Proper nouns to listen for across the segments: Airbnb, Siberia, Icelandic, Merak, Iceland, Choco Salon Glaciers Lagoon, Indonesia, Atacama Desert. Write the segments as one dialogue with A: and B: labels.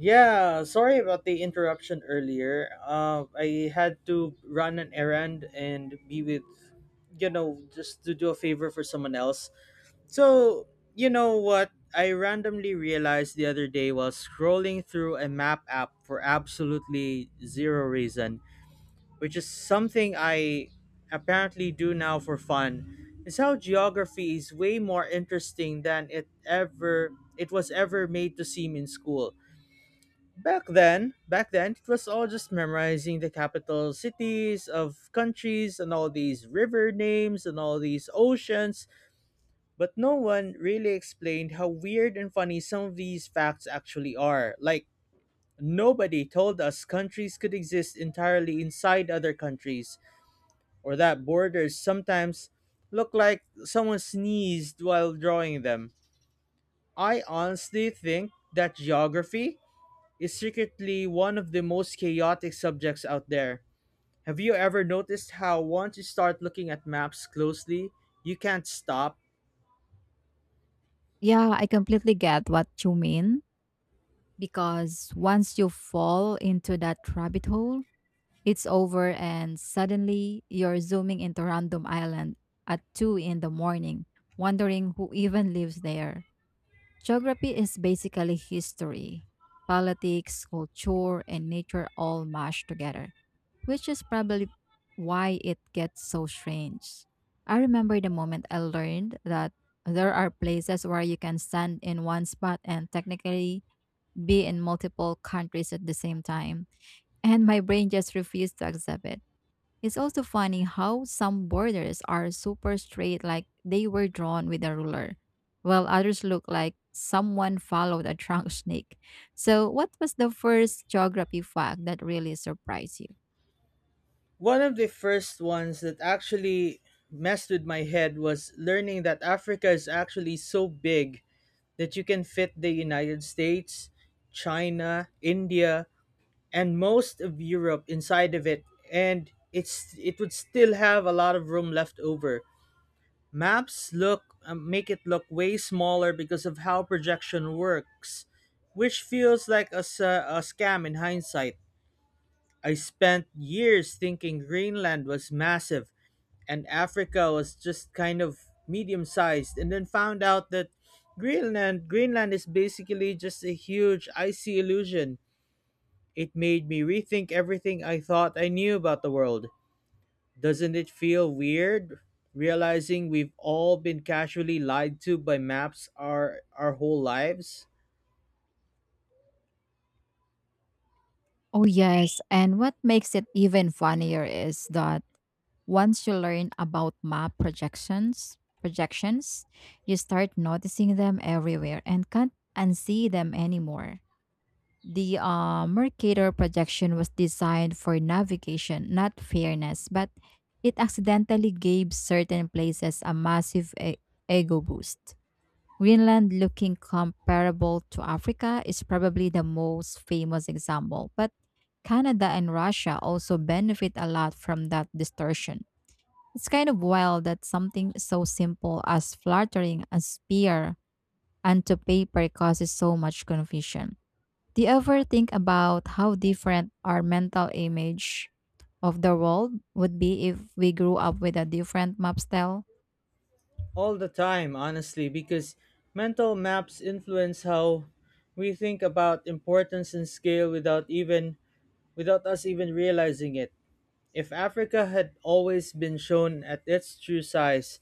A: Yeah, sorry about the interruption earlier. I had to run an errand and be with, just to do a favor for someone else. So, you know what? I randomly realized the other day while scrolling through a map app for absolutely zero reason, which is something I apparently do now for fun, is how geography is way more interesting than it was ever made to seem in school. Back then, it was all just memorizing the capital cities of countries and all these river names and all these oceans, but no one really explained how weird and funny some of these facts actually are. Like, nobody told us countries could exist entirely inside other countries, or that borders sometimes look like someone sneezed while drawing them. I honestly think that geography is secretly one of the most chaotic subjects out there. Have you ever noticed how once you start looking at maps closely, you can't stop?
B: Yeah, I completely get what you mean because once you fall into that rabbit hole, it's over and suddenly you're zooming into random island at 2 in the morning, wondering who even lives there. Geography is basically history, politics, culture, and nature all mashed together, which is probably why it gets so strange. I remember the moment I learned that there are places where you can stand in one spot and technically be in multiple countries at the same time, and my brain just refused to accept it. It's also funny how some borders are super straight, like they were drawn with a ruler, while others look like someone followed a trunk snake. So, what was the first geography fact that really surprised you?
A: One of the first ones that actually messed with my head was learning that Africa is actually so big that you can fit the United States, China, India, and most of Europe inside of it, and it would still have a lot of room left over. Maps look make it look way smaller because of how projection works, which feels like a scam in hindsight. I spent years thinking Greenland was massive and Africa was just kind of medium sized, and then found out that Greenland is basically just a huge icy illusion. It made me rethink everything I thought I knew about the world. Doesn't it feel weird realizing we've all been casually lied to by maps our whole lives?
B: Oh, yes. And what makes it even funnier is that once you learn about map projections, you start noticing them everywhere and can't unsee them anymore. The Mercator projection was designed for navigation, not fairness, but it accidentally gave certain places a massive ego boost. Greenland, looking comparable to Africa, is probably the most famous example, but Canada and Russia also benefit a lot from that distortion. It's kind of wild that something so simple as fluttering a spear onto paper causes so much confusion. Do you ever think about how different our mental image of the world would be if we grew up with a different map style?
A: All the time, honestly, because mental maps influence how we think about importance and scale without us even realizing it. If Africa had always been shown at its true size,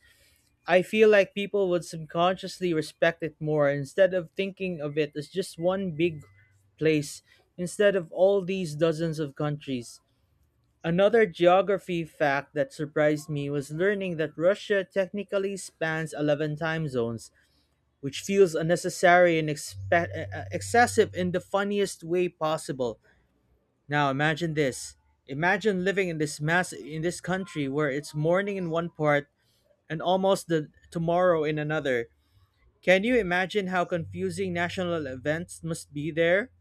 A: I feel like people would subconsciously respect it more instead of thinking of it as just one big place, instead of all these dozens of countries. Another geography fact that surprised me was learning that Russia technically spans 11 time zones, which feels unnecessary and excessive in the funniest way possible. Now imagine this. Imagine living in this mass in this country where it's morning in one part and almost the tomorrow in another. Can you imagine how confusing national events must be there?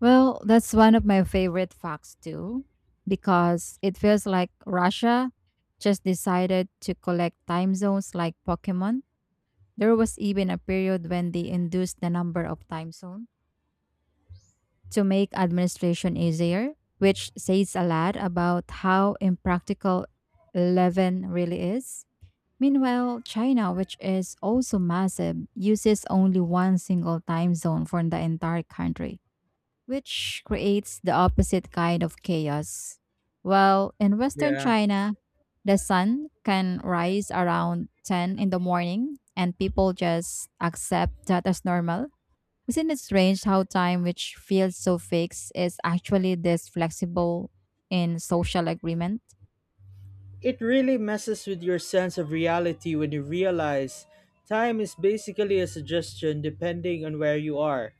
B: Well, that's one of my favorite facts too, because it feels like Russia just decided to collect time zones like Pokemon. There was even a period when they induced the number of time zones to make administration easier, which says a lot about how impractical 11 really is. Meanwhile, China, which is also massive, uses only one single time zone for the entire country, which creates the opposite kind of chaos. Well, in Western
A: Yeah.
B: China, the sun can rise around 10 in the morning and people just accept that as normal. Isn't it strange how time, which feels so fixed, is actually this flexible in social agreement?
A: It really messes with your sense of reality when you realize time is basically a suggestion depending on where you are.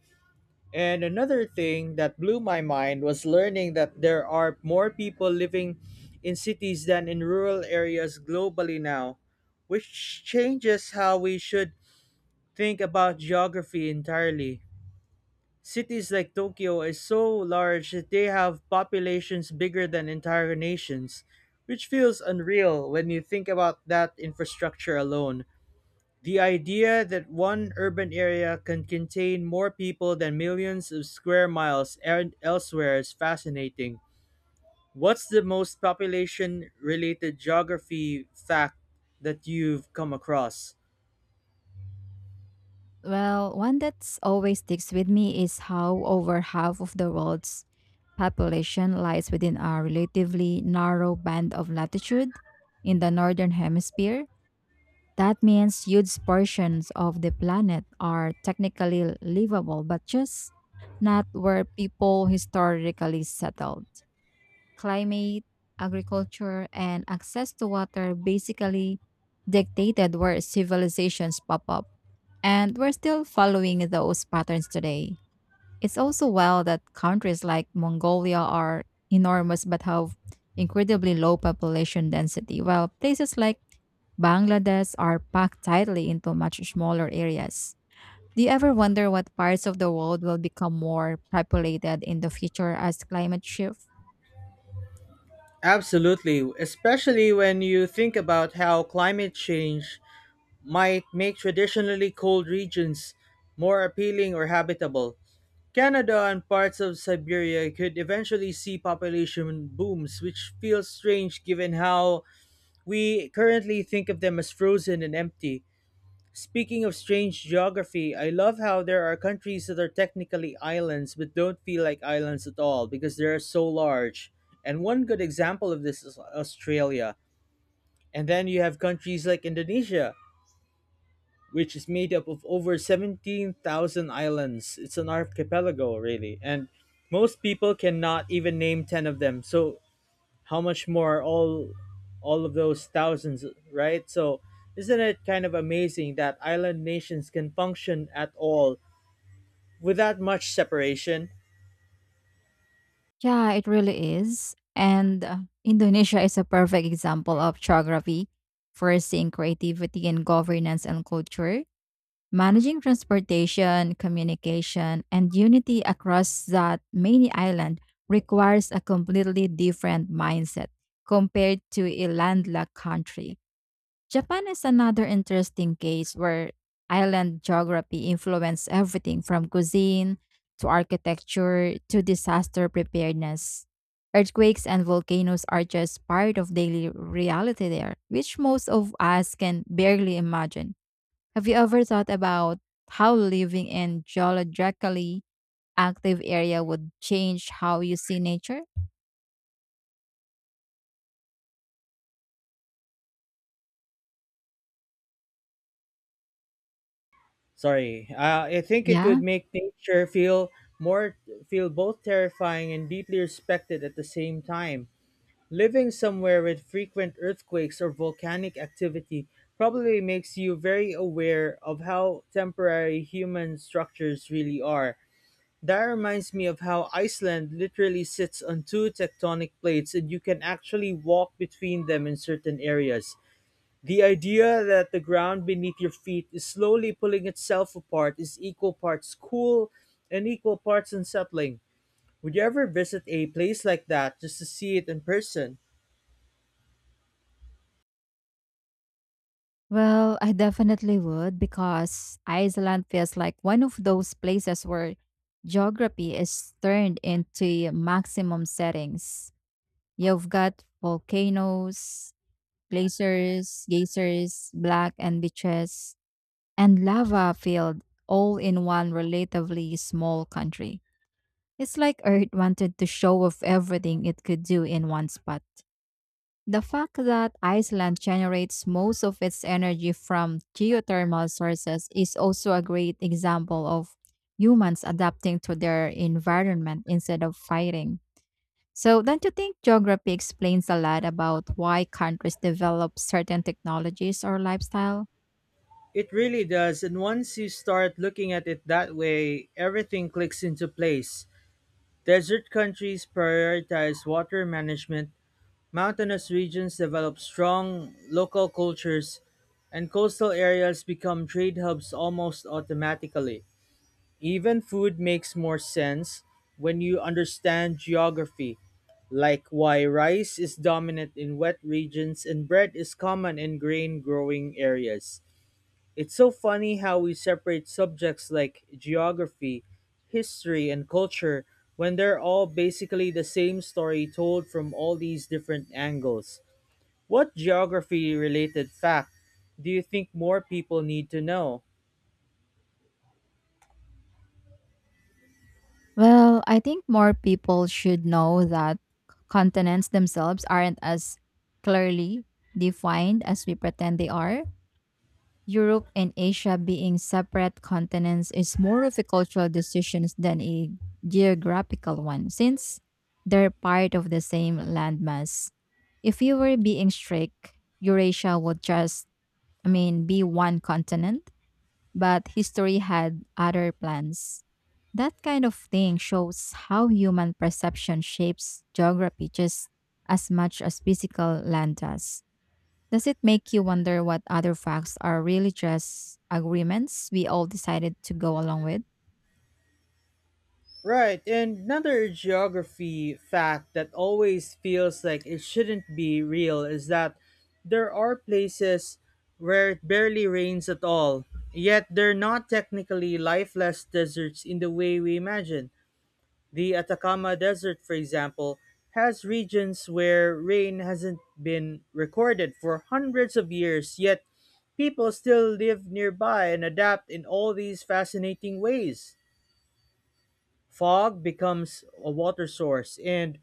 A: And another thing that blew my mind was learning that there are more people living in cities than in rural areas globally now, which changes how we should think about geography entirely. Cities like Tokyo is so large that they have populations bigger than entire nations, which feels unreal when you think about that infrastructure alone. The idea that one urban area can contain more people than millions of square miles and elsewhere is fascinating. What's the most population related geography fact that you've come across?
B: Well, one that's always sticks with me is how over half of the world's population lies within a relatively narrow band of latitude in the northern hemisphere. That means huge portions of the planet are technically livable, but just not where people historically settled. Climate, agriculture, and access to water basically dictated where civilizations pop up and we're still following those patterns today. It's also wild that countries like Mongolia are enormous but have incredibly low population density, while places like Bangladesh are packed tightly into much smaller areas. Do you ever wonder what parts of the world will become more populated in the future as climate shift?
A: Absolutely, especially when you think about how climate change might make traditionally cold regions more appealing or habitable. Canada and parts of Siberia could eventually see population booms, which feels strange given how we currently think of them as frozen and empty. Speaking of strange geography, I love how there are countries that are technically islands but don't feel like islands at all because they're so large. And one good example of this is Australia. And then you have countries like Indonesia, which is made up of over 17,000 islands. It's an archipelago, really. And most people cannot even name 10 of them. So how much more are all of those thousands, right? So isn't it kind of amazing that island nations can function at all without much separation?
B: Yeah, it really is. And Indonesia is a perfect example of geography, forcing creativity in governance and culture. Managing transportation, communication, and unity across that many island requires a completely different mindset compared to a landlocked country. Japan is another interesting case where island geography influences everything from cuisine to architecture to disaster preparedness. Earthquakes and volcanoes are just part of daily reality there, which most of us can barely imagine. Have you ever thought about how living in geologically active area would change how you see nature?
A: Sorry. I think it
B: Yeah.
A: would make nature feel more feel both terrifying and deeply respected at the same time. Living somewhere with frequent earthquakes or volcanic activity probably makes you very aware of how temporary human structures really are. That reminds me of how Iceland literally sits on two tectonic plates, and you can actually walk between them in certain areas. The idea that the ground beneath your feet is slowly pulling itself apart is equal parts cool and equal parts unsettling. Would you ever visit a place like that just to see it in person?
B: Well, I definitely would because Iceland feels like one of those places where geography is turned into maximum settings. You've got volcanoes, glaciers, geysers, black and beaches, and lava field all in one relatively small country. It's like Earth wanted to show off everything it could do in one spot. The fact that Iceland generates most of its energy from geothermal sources is also a great example of humans adapting to their environment instead of fighting. So, don't you think geography explains a lot about why countries develop certain technologies or lifestyle?
A: It really does, and once you start looking at it that way, everything clicks into place. Desert countries prioritize water management, mountainous regions develop strong local cultures, and coastal areas become trade hubs almost automatically. Even food makes more sense when you understand geography, like why rice is dominant in wet regions and bread is common in grain growing areas. It's so funny how we separate subjects like geography, history, and culture when they're all basically the same story told from all these different angles. What geography related fact do you think more people need to know?
B: Well, I think more people should know that continents themselves aren't as clearly defined as we pretend they are. Europe and Asia being separate continents is more of a cultural decision than a geographical one, since they're part of the same landmass. If you were being strict, Eurasia would just be one continent but history had other plans. That kind of thing shows how human perception shapes geography just as much as physical land does. Does it make you wonder what other facts are really just agreements we all decided to go along with?
A: Right, and another geography fact that always feels like it shouldn't be real is that there are places where it barely rains at all, yet they're not technically lifeless deserts in the way we imagine. The Atacama Desert, for example, has regions where rain hasn't been recorded for hundreds of years, yet people still live nearby and adapt in all these fascinating ways. Fog becomes a water source, and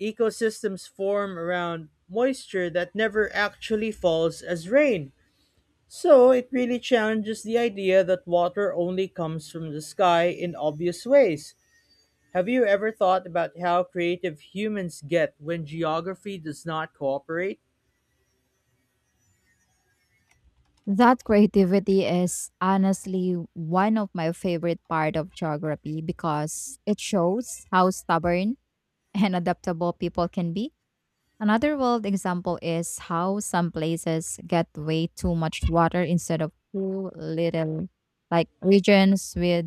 A: ecosystems form around moisture that never actually falls as rain. So it really challenges the idea that water only comes from the sky in obvious ways. Have you ever thought about how creative humans get when geography does not cooperate?
B: That creativity is honestly one of my favorite part of geography because it shows how stubborn and adaptable people can be. Another world example is how some places get way too much water instead of too little, like regions with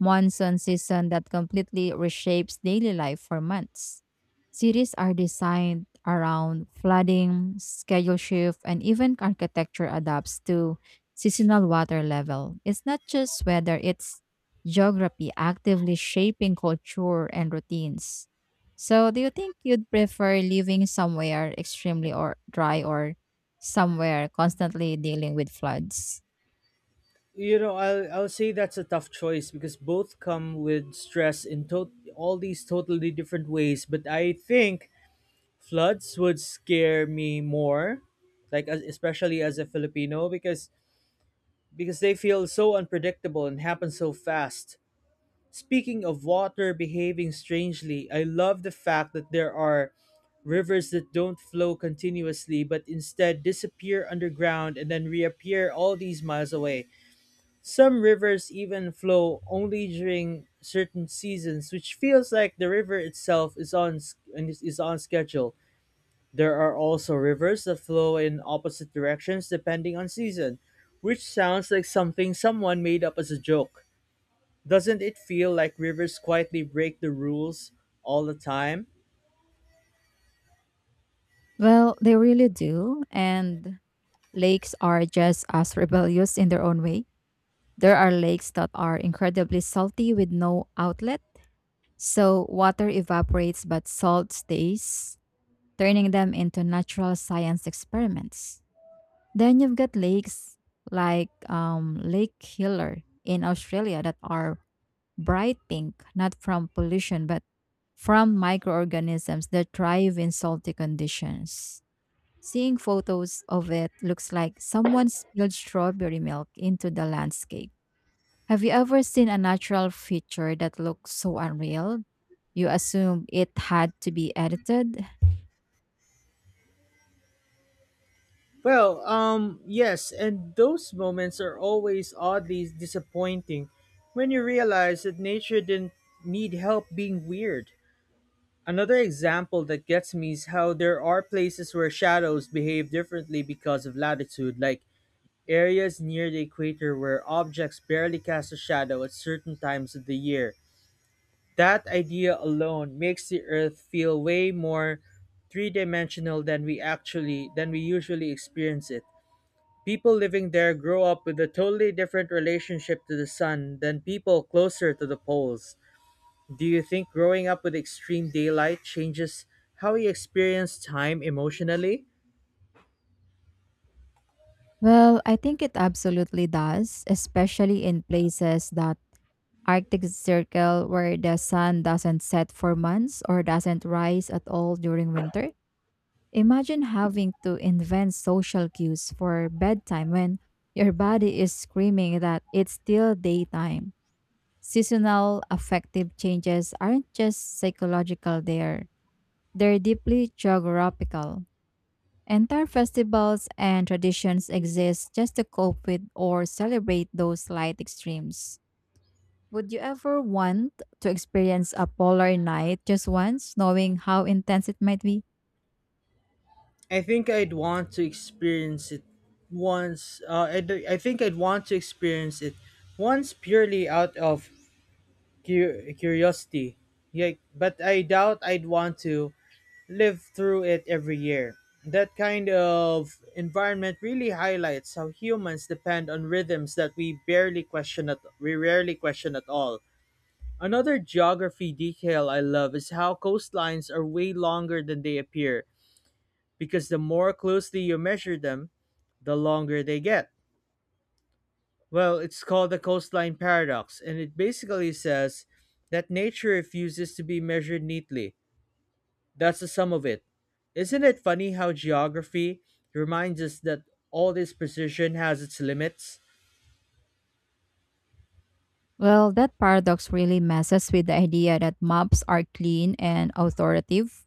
B: monsoon season that completely reshapes daily life for months. Cities are designed around flooding, schedule shift, and even architecture adapts to seasonal water level. It's not just weather, it's geography actively shaping culture and routines. So, do you think you'd prefer living somewhere extremely or dry or somewhere constantly dealing with floods?
A: I'll say that's a tough choice because both come with stress in to all these totally different ways, but I think floods would scare me more, especially as a Filipino, because they feel so unpredictable and happen so fast. Speaking of water behaving strangely, I love the fact that there are rivers that don't flow continuously but instead disappear underground and then reappear all these miles away. Some rivers even flow only during certain seasons, which feels like the river itself is on s- and is on schedule. There are also rivers that flow in opposite directions depending on season, which sounds like something someone made up as a joke. Doesn't it feel like rivers quietly break the rules all the time?
B: Well, they really do. And lakes are just as rebellious in their own way. There are lakes that are incredibly salty with no outlet, so water evaporates but salt stays, turning them into natural science experiments. Then you've got lakes like Lake Killer in Australia that are bright pink, not from pollution but from microorganisms that thrive in salty conditions. Seeing photos of it looks like someone spilled strawberry milk into the landscape. Have you ever seen a natural feature that looks so unreal you assume it had to be edited?
A: Well, yes, and those moments are always oddly disappointing when you realize that nature didn't need help being weird. Another example that gets me is how there are places where shadows behave differently because of latitude, like areas near the equator where objects barely cast a shadow at certain times of the year. That idea alone makes the Earth feel way more three-dimensional than we actually than we usually experience it. People living there grow up with a totally different relationship to the sun than people closer to the poles. Do you think growing up with extreme daylight changes how we experience time emotionally?
B: Well, I think it absolutely does, especially in places that Arctic Circle where the sun doesn't set for months or doesn't rise at all during winter. Imagine having to invent social cues for bedtime when your body is screaming that it's still daytime. Seasonal affective changes aren't just psychological, they're deeply geographical. Entire festivals and traditions exist just to cope with or celebrate those slight extremes. Would you ever want to experience a polar night just once, knowing how intense it might be?
A: I think I'd want to experience it once. I think I'd want to experience it once purely out of curiosity. Yeah, but I doubt I'd want to live through it every year. That kind of environment really highlights how humans depend on rhythms that we rarely question at all. Another geography detail I love is how coastlines are way longer than they appear because the more closely you measure them, the longer they get. Well, it's called the coastline paradox, and it basically says that nature refuses to be measured neatly. That's the sum of it. Isn't it funny how geography reminds us that all this precision has its limits?
B: Well, that paradox really messes with the idea that maps are clean and authoritative.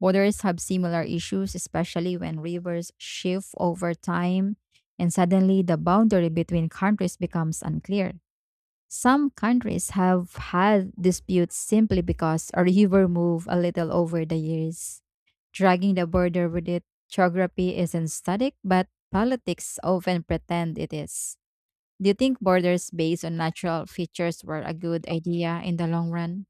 B: Borders have similar issues, especially when rivers shift over time and suddenly the boundary between countries becomes unclear. Some countries have had disputes simply because a river moved a little over the years, dragging the border with it. Geography isn't static, but politics often pretend it is. Do you think borders based on natural features were a good idea in the long run?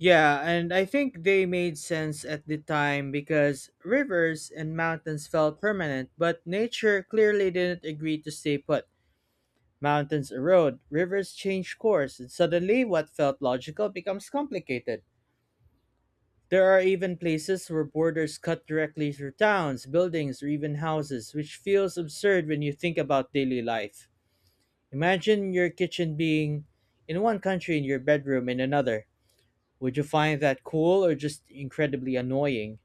A: Yeah, and I think they made sense at the time because rivers and mountains felt permanent, but nature clearly didn't agree to stay put. Mountains erode, rivers change course, and suddenly what felt logical becomes complicated. There are even places where borders cut directly through towns, buildings, or even houses, which feels absurd when you think about daily life. Imagine your kitchen being in one country and your bedroom in another. Would you find that cool or just incredibly annoying?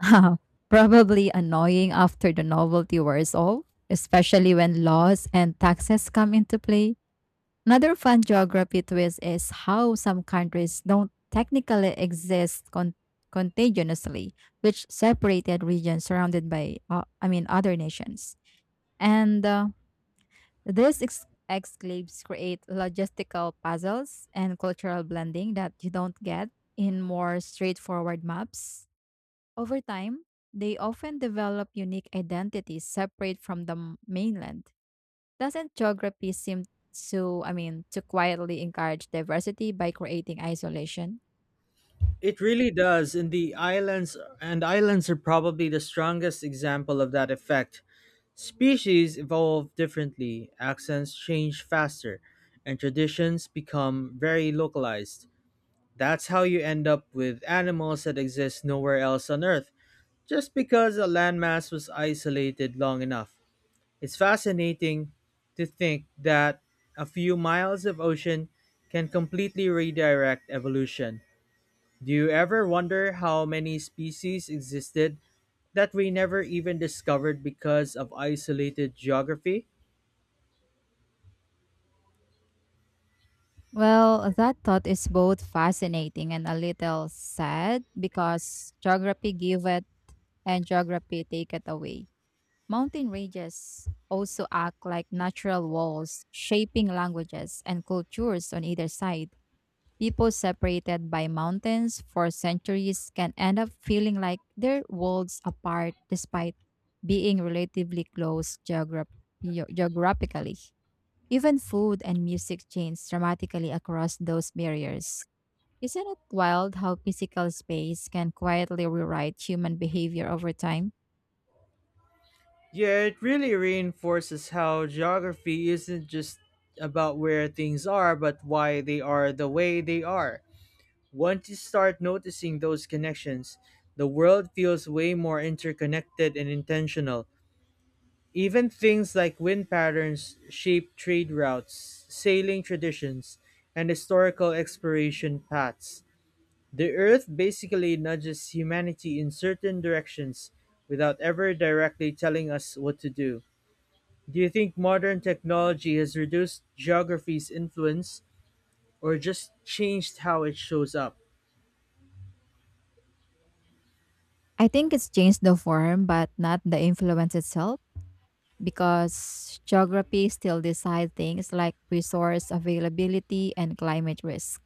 B: Probably annoying after the novelty wears off, especially when laws and taxes come into play. Another fun geography twist is how some countries don't technically exist contagiously, which separated regions surrounded by, other nations. And These exclaves create logistical puzzles and cultural blending that you don't get in more straightforward maps. Over time, they often develop unique identities separate from the mainland. Doesn't geography seem to quietly encourage diversity by creating isolation?
A: It really does, and the islands are probably the strongest example of that effect. Species evolve differently, accents change faster, and traditions become very localized. That's how you end up with animals that exist nowhere else on Earth, just because a landmass was isolated long enough. It's fascinating to think that a few miles of ocean can completely redirect evolution. Do you ever wonder how many species existed that we never even discovered because of isolated geography?
B: Well, that thought is both fascinating and a little sad because geography give it and geography take it away. Mountain ranges also act like natural walls, shaping languages and cultures on either side. People separated by mountains for centuries can end up feeling like they're worlds apart despite being relatively close geographically. Even food and music change dramatically across those barriers. Isn't it wild how physical space can quietly rewrite human behavior over time?
A: Yeah, it really reinforces how geography isn't just about where things are, but why they are the way they are. Once you start noticing those connections, the world feels way more interconnected and intentional. Even things like wind patterns shape trade routes, sailing traditions, and historical exploration paths. The Earth basically nudges humanity in certain directions without ever directly telling us what to do. Do you think modern technology has reduced geography's influence or just changed how it shows up?
B: I think it's changed the form, but not the influence itself, because geography still decides things like resource availability and climate risk.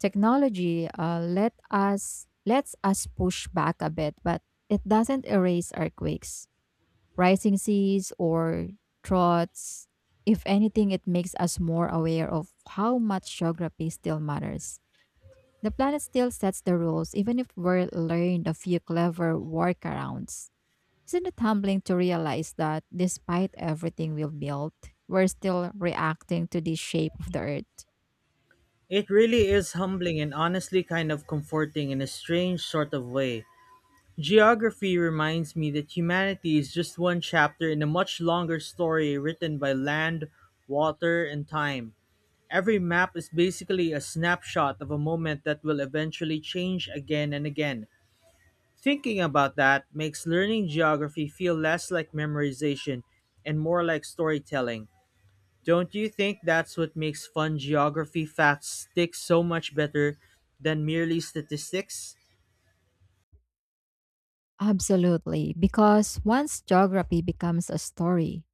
B: Technology lets us push back a bit, but it doesn't erase earthquakes, rising seas, or droughts. If anything, it makes us more aware of how much geography still matters. The planet still sets the rules, even if we're learned a few clever workarounds. Isn't it humbling to realize that despite everything we've built, we're still reacting to the shape of the earth?
A: It really is humbling, and honestly kind of comforting in a strange sort of way. Geography reminds me that humanity is just one chapter in a much longer story written by land, water, and time. Every map is basically a snapshot of a moment that will eventually change again and again. Thinking about that makes learning geography feel less like memorization and more like storytelling. Don't you think that's what makes fun geography facts stick so much better than merely statistics?
B: Absolutely, because once geography becomes a story,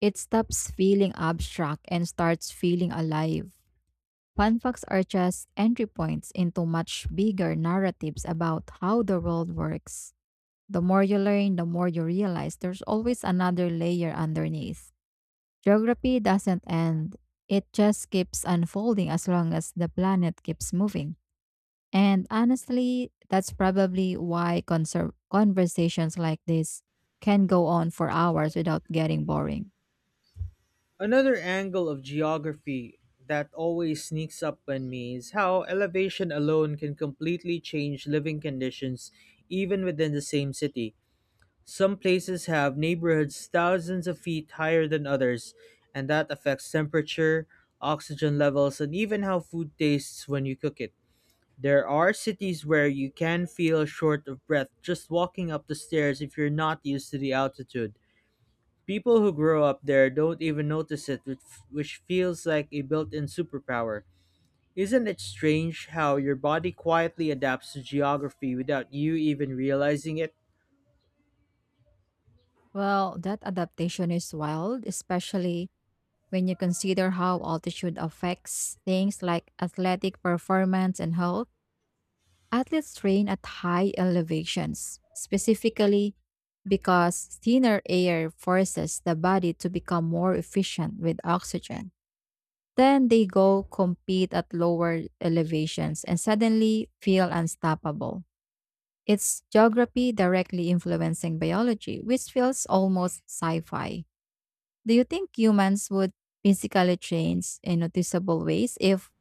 B: it stops feeling abstract and starts feeling alive. Fun facts are just entry points into much bigger narratives about how the world works. The more you learn, the more you realize there's always another layer underneath. Geography doesn't end, it just keeps unfolding as long as the planet keeps moving. And honestly, that's probably why conversations like this can go on for hours without getting boring.
A: Another angle of geography that always sneaks up on me is how elevation alone can completely change living conditions even within the same city. Some places have neighborhoods thousands of feet higher than others, and that affects temperature, oxygen levels, and even how food tastes when you cook it. There are cities where you can feel short of breath just walking up the stairs if you're not used to the altitude. People who grow up there don't even notice it, which feels like a built in superpower. Isn't it strange how your body quietly adapts to geography without you even realizing it?
B: Well, that adaptation is wild, especially when you consider how altitude affects things like athletic performance and health. Athletes train at high elevations, specifically because thinner air forces the body to become more efficient with oxygen. Then they go compete at lower elevations and suddenly feel unstoppable. It's geography directly influencing biology, which feels almost sci fi. Do you think humans would physically change in noticeable ways if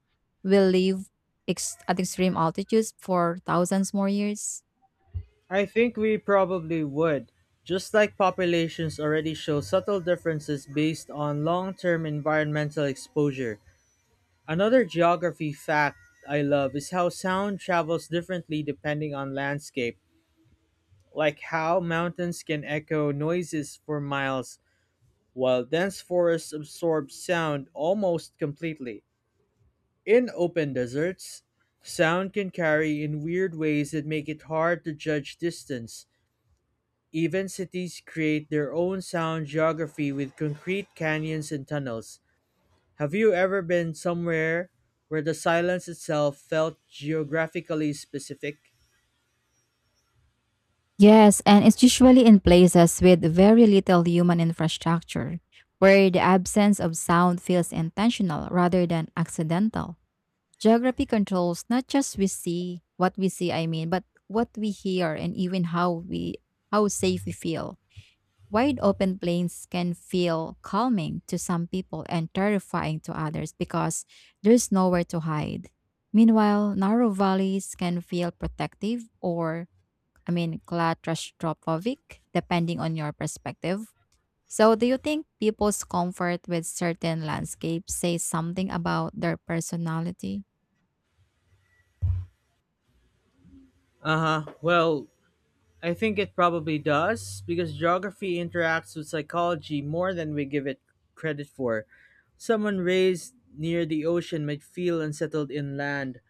B: we live at extreme altitudes for thousands more years?
A: I think we probably would, just like populations already show subtle differences based on long term environmental exposure. Another geography fact I love is how sound travels differently depending on landscape, like how mountains can echo noises for miles, while dense forests absorb sound almost completely. In open deserts, sound can carry in weird ways that make it hard to judge distance. Even cities create their own sound geography with concrete canyons and tunnels. Have you ever been somewhere where the silence itself felt geographically specific?
B: Yes, and it's usually in places with very little human infrastructure, where the absence of sound feels intentional rather than accidental. Geography controls not just we see, what we see, but what we hear and even how safe we feel. Wide open plains can feel calming to some people and terrifying to others because there's nowhere to hide. Meanwhile, narrow valleys can feel protective or claustrophobic, depending on your perspective. So, do you think people's comfort with certain landscapes say something about their personality?
A: Uh huh. Well, I think it probably does, because geography interacts with psychology more than we give it credit for. Someone raised near the ocean might feel unsettled inland,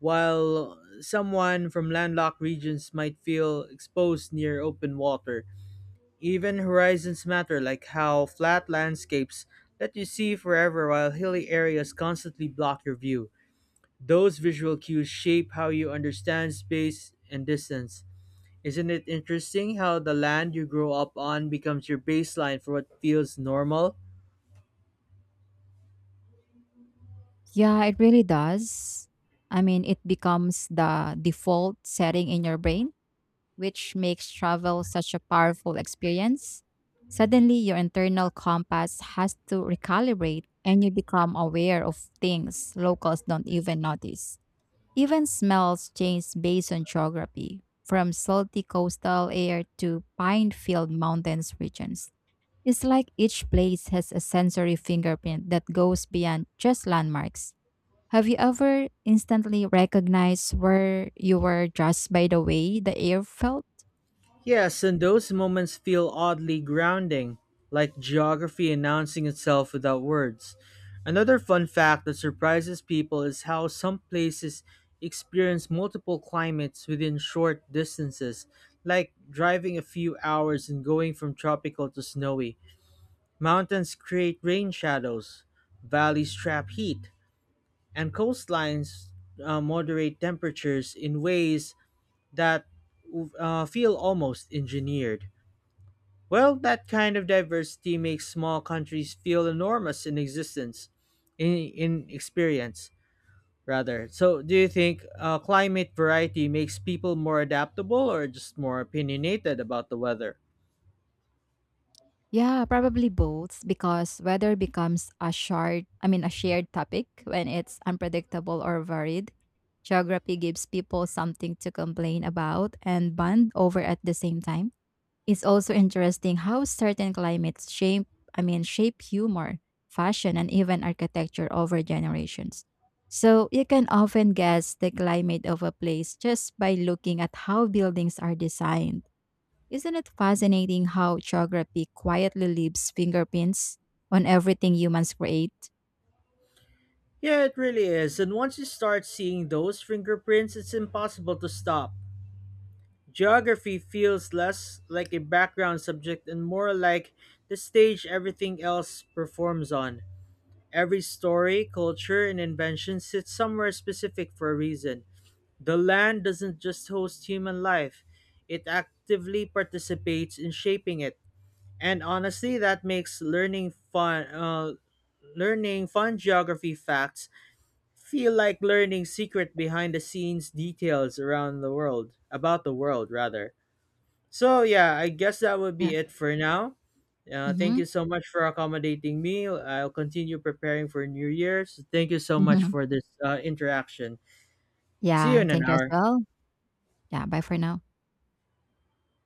A: while someone from landlocked regions might feel exposed near open water. Even horizons matter, like how flat landscapes let you see forever while hilly areas constantly block your view. Those visual cues shape how you understand space and distance. Isn't it interesting how the land you grow up on becomes your baseline for what feels normal?
B: Yeah, it really does. I mean, it becomes the default setting in your brain, which makes travel such a powerful experience. Suddenly, your internal compass has to recalibrate and you become aware of things locals don't even notice. Even smells change based on geography, from salty coastal air to pine filled mountains regions. It's like each place has a sensory fingerprint that goes beyond just landmarks. Have you ever instantly recognized where you were just by the way the air felt?
A: Yes, and those moments feel oddly grounding, like geography announcing itself without words. Another fun fact that surprises people is how some places experience multiple climates within short distances, like driving a few hours and going from tropical to snowy. Mountains create rain shadows, valleys trap heat, and coastlines moderate temperatures in ways that feel almost engineered. Well, that kind of diversity makes small countries feel enormous in existence, in experience, rather. So, do you think climate variety makes people more adaptable or just more opinionated about the weather?
B: Yeah, probably both because weather becomes a shard, I mean a shared topic when it's unpredictable or varied. Geography gives people something to complain about and bond over at the same time. It's also interesting how certain climates shape, I mean shape humor, fashion and even architecture over generations. So, you can often guess the climate of a place just by looking at how buildings are designed. Isn't it fascinating how geography quietly leaves fingerprints on everything humans create?
A: Yeah, it really is. And once you start seeing those fingerprints, it's impossible to stop. Geography feels less like a background subject and more like the stage everything else performs on. Every story, culture, and invention sits somewhere specific for a reason. The land doesn't just host human life, it actively participates in shaping it. And honestly, that makes learning fun geography facts feel like learning secret behind the scenes details about the world, rather. So yeah, I guess that would
B: Yeah.
A: be it for now. Thank
B: Mm-hmm.
A: you so much for accommodating me. I'll continue preparing for New Year's. Thank you so much
B: Mm-hmm.
A: for this interaction. See you
B: Yeah,
A: in an
B: thank you as
A: hour.
B: well. Yeah, bye for now.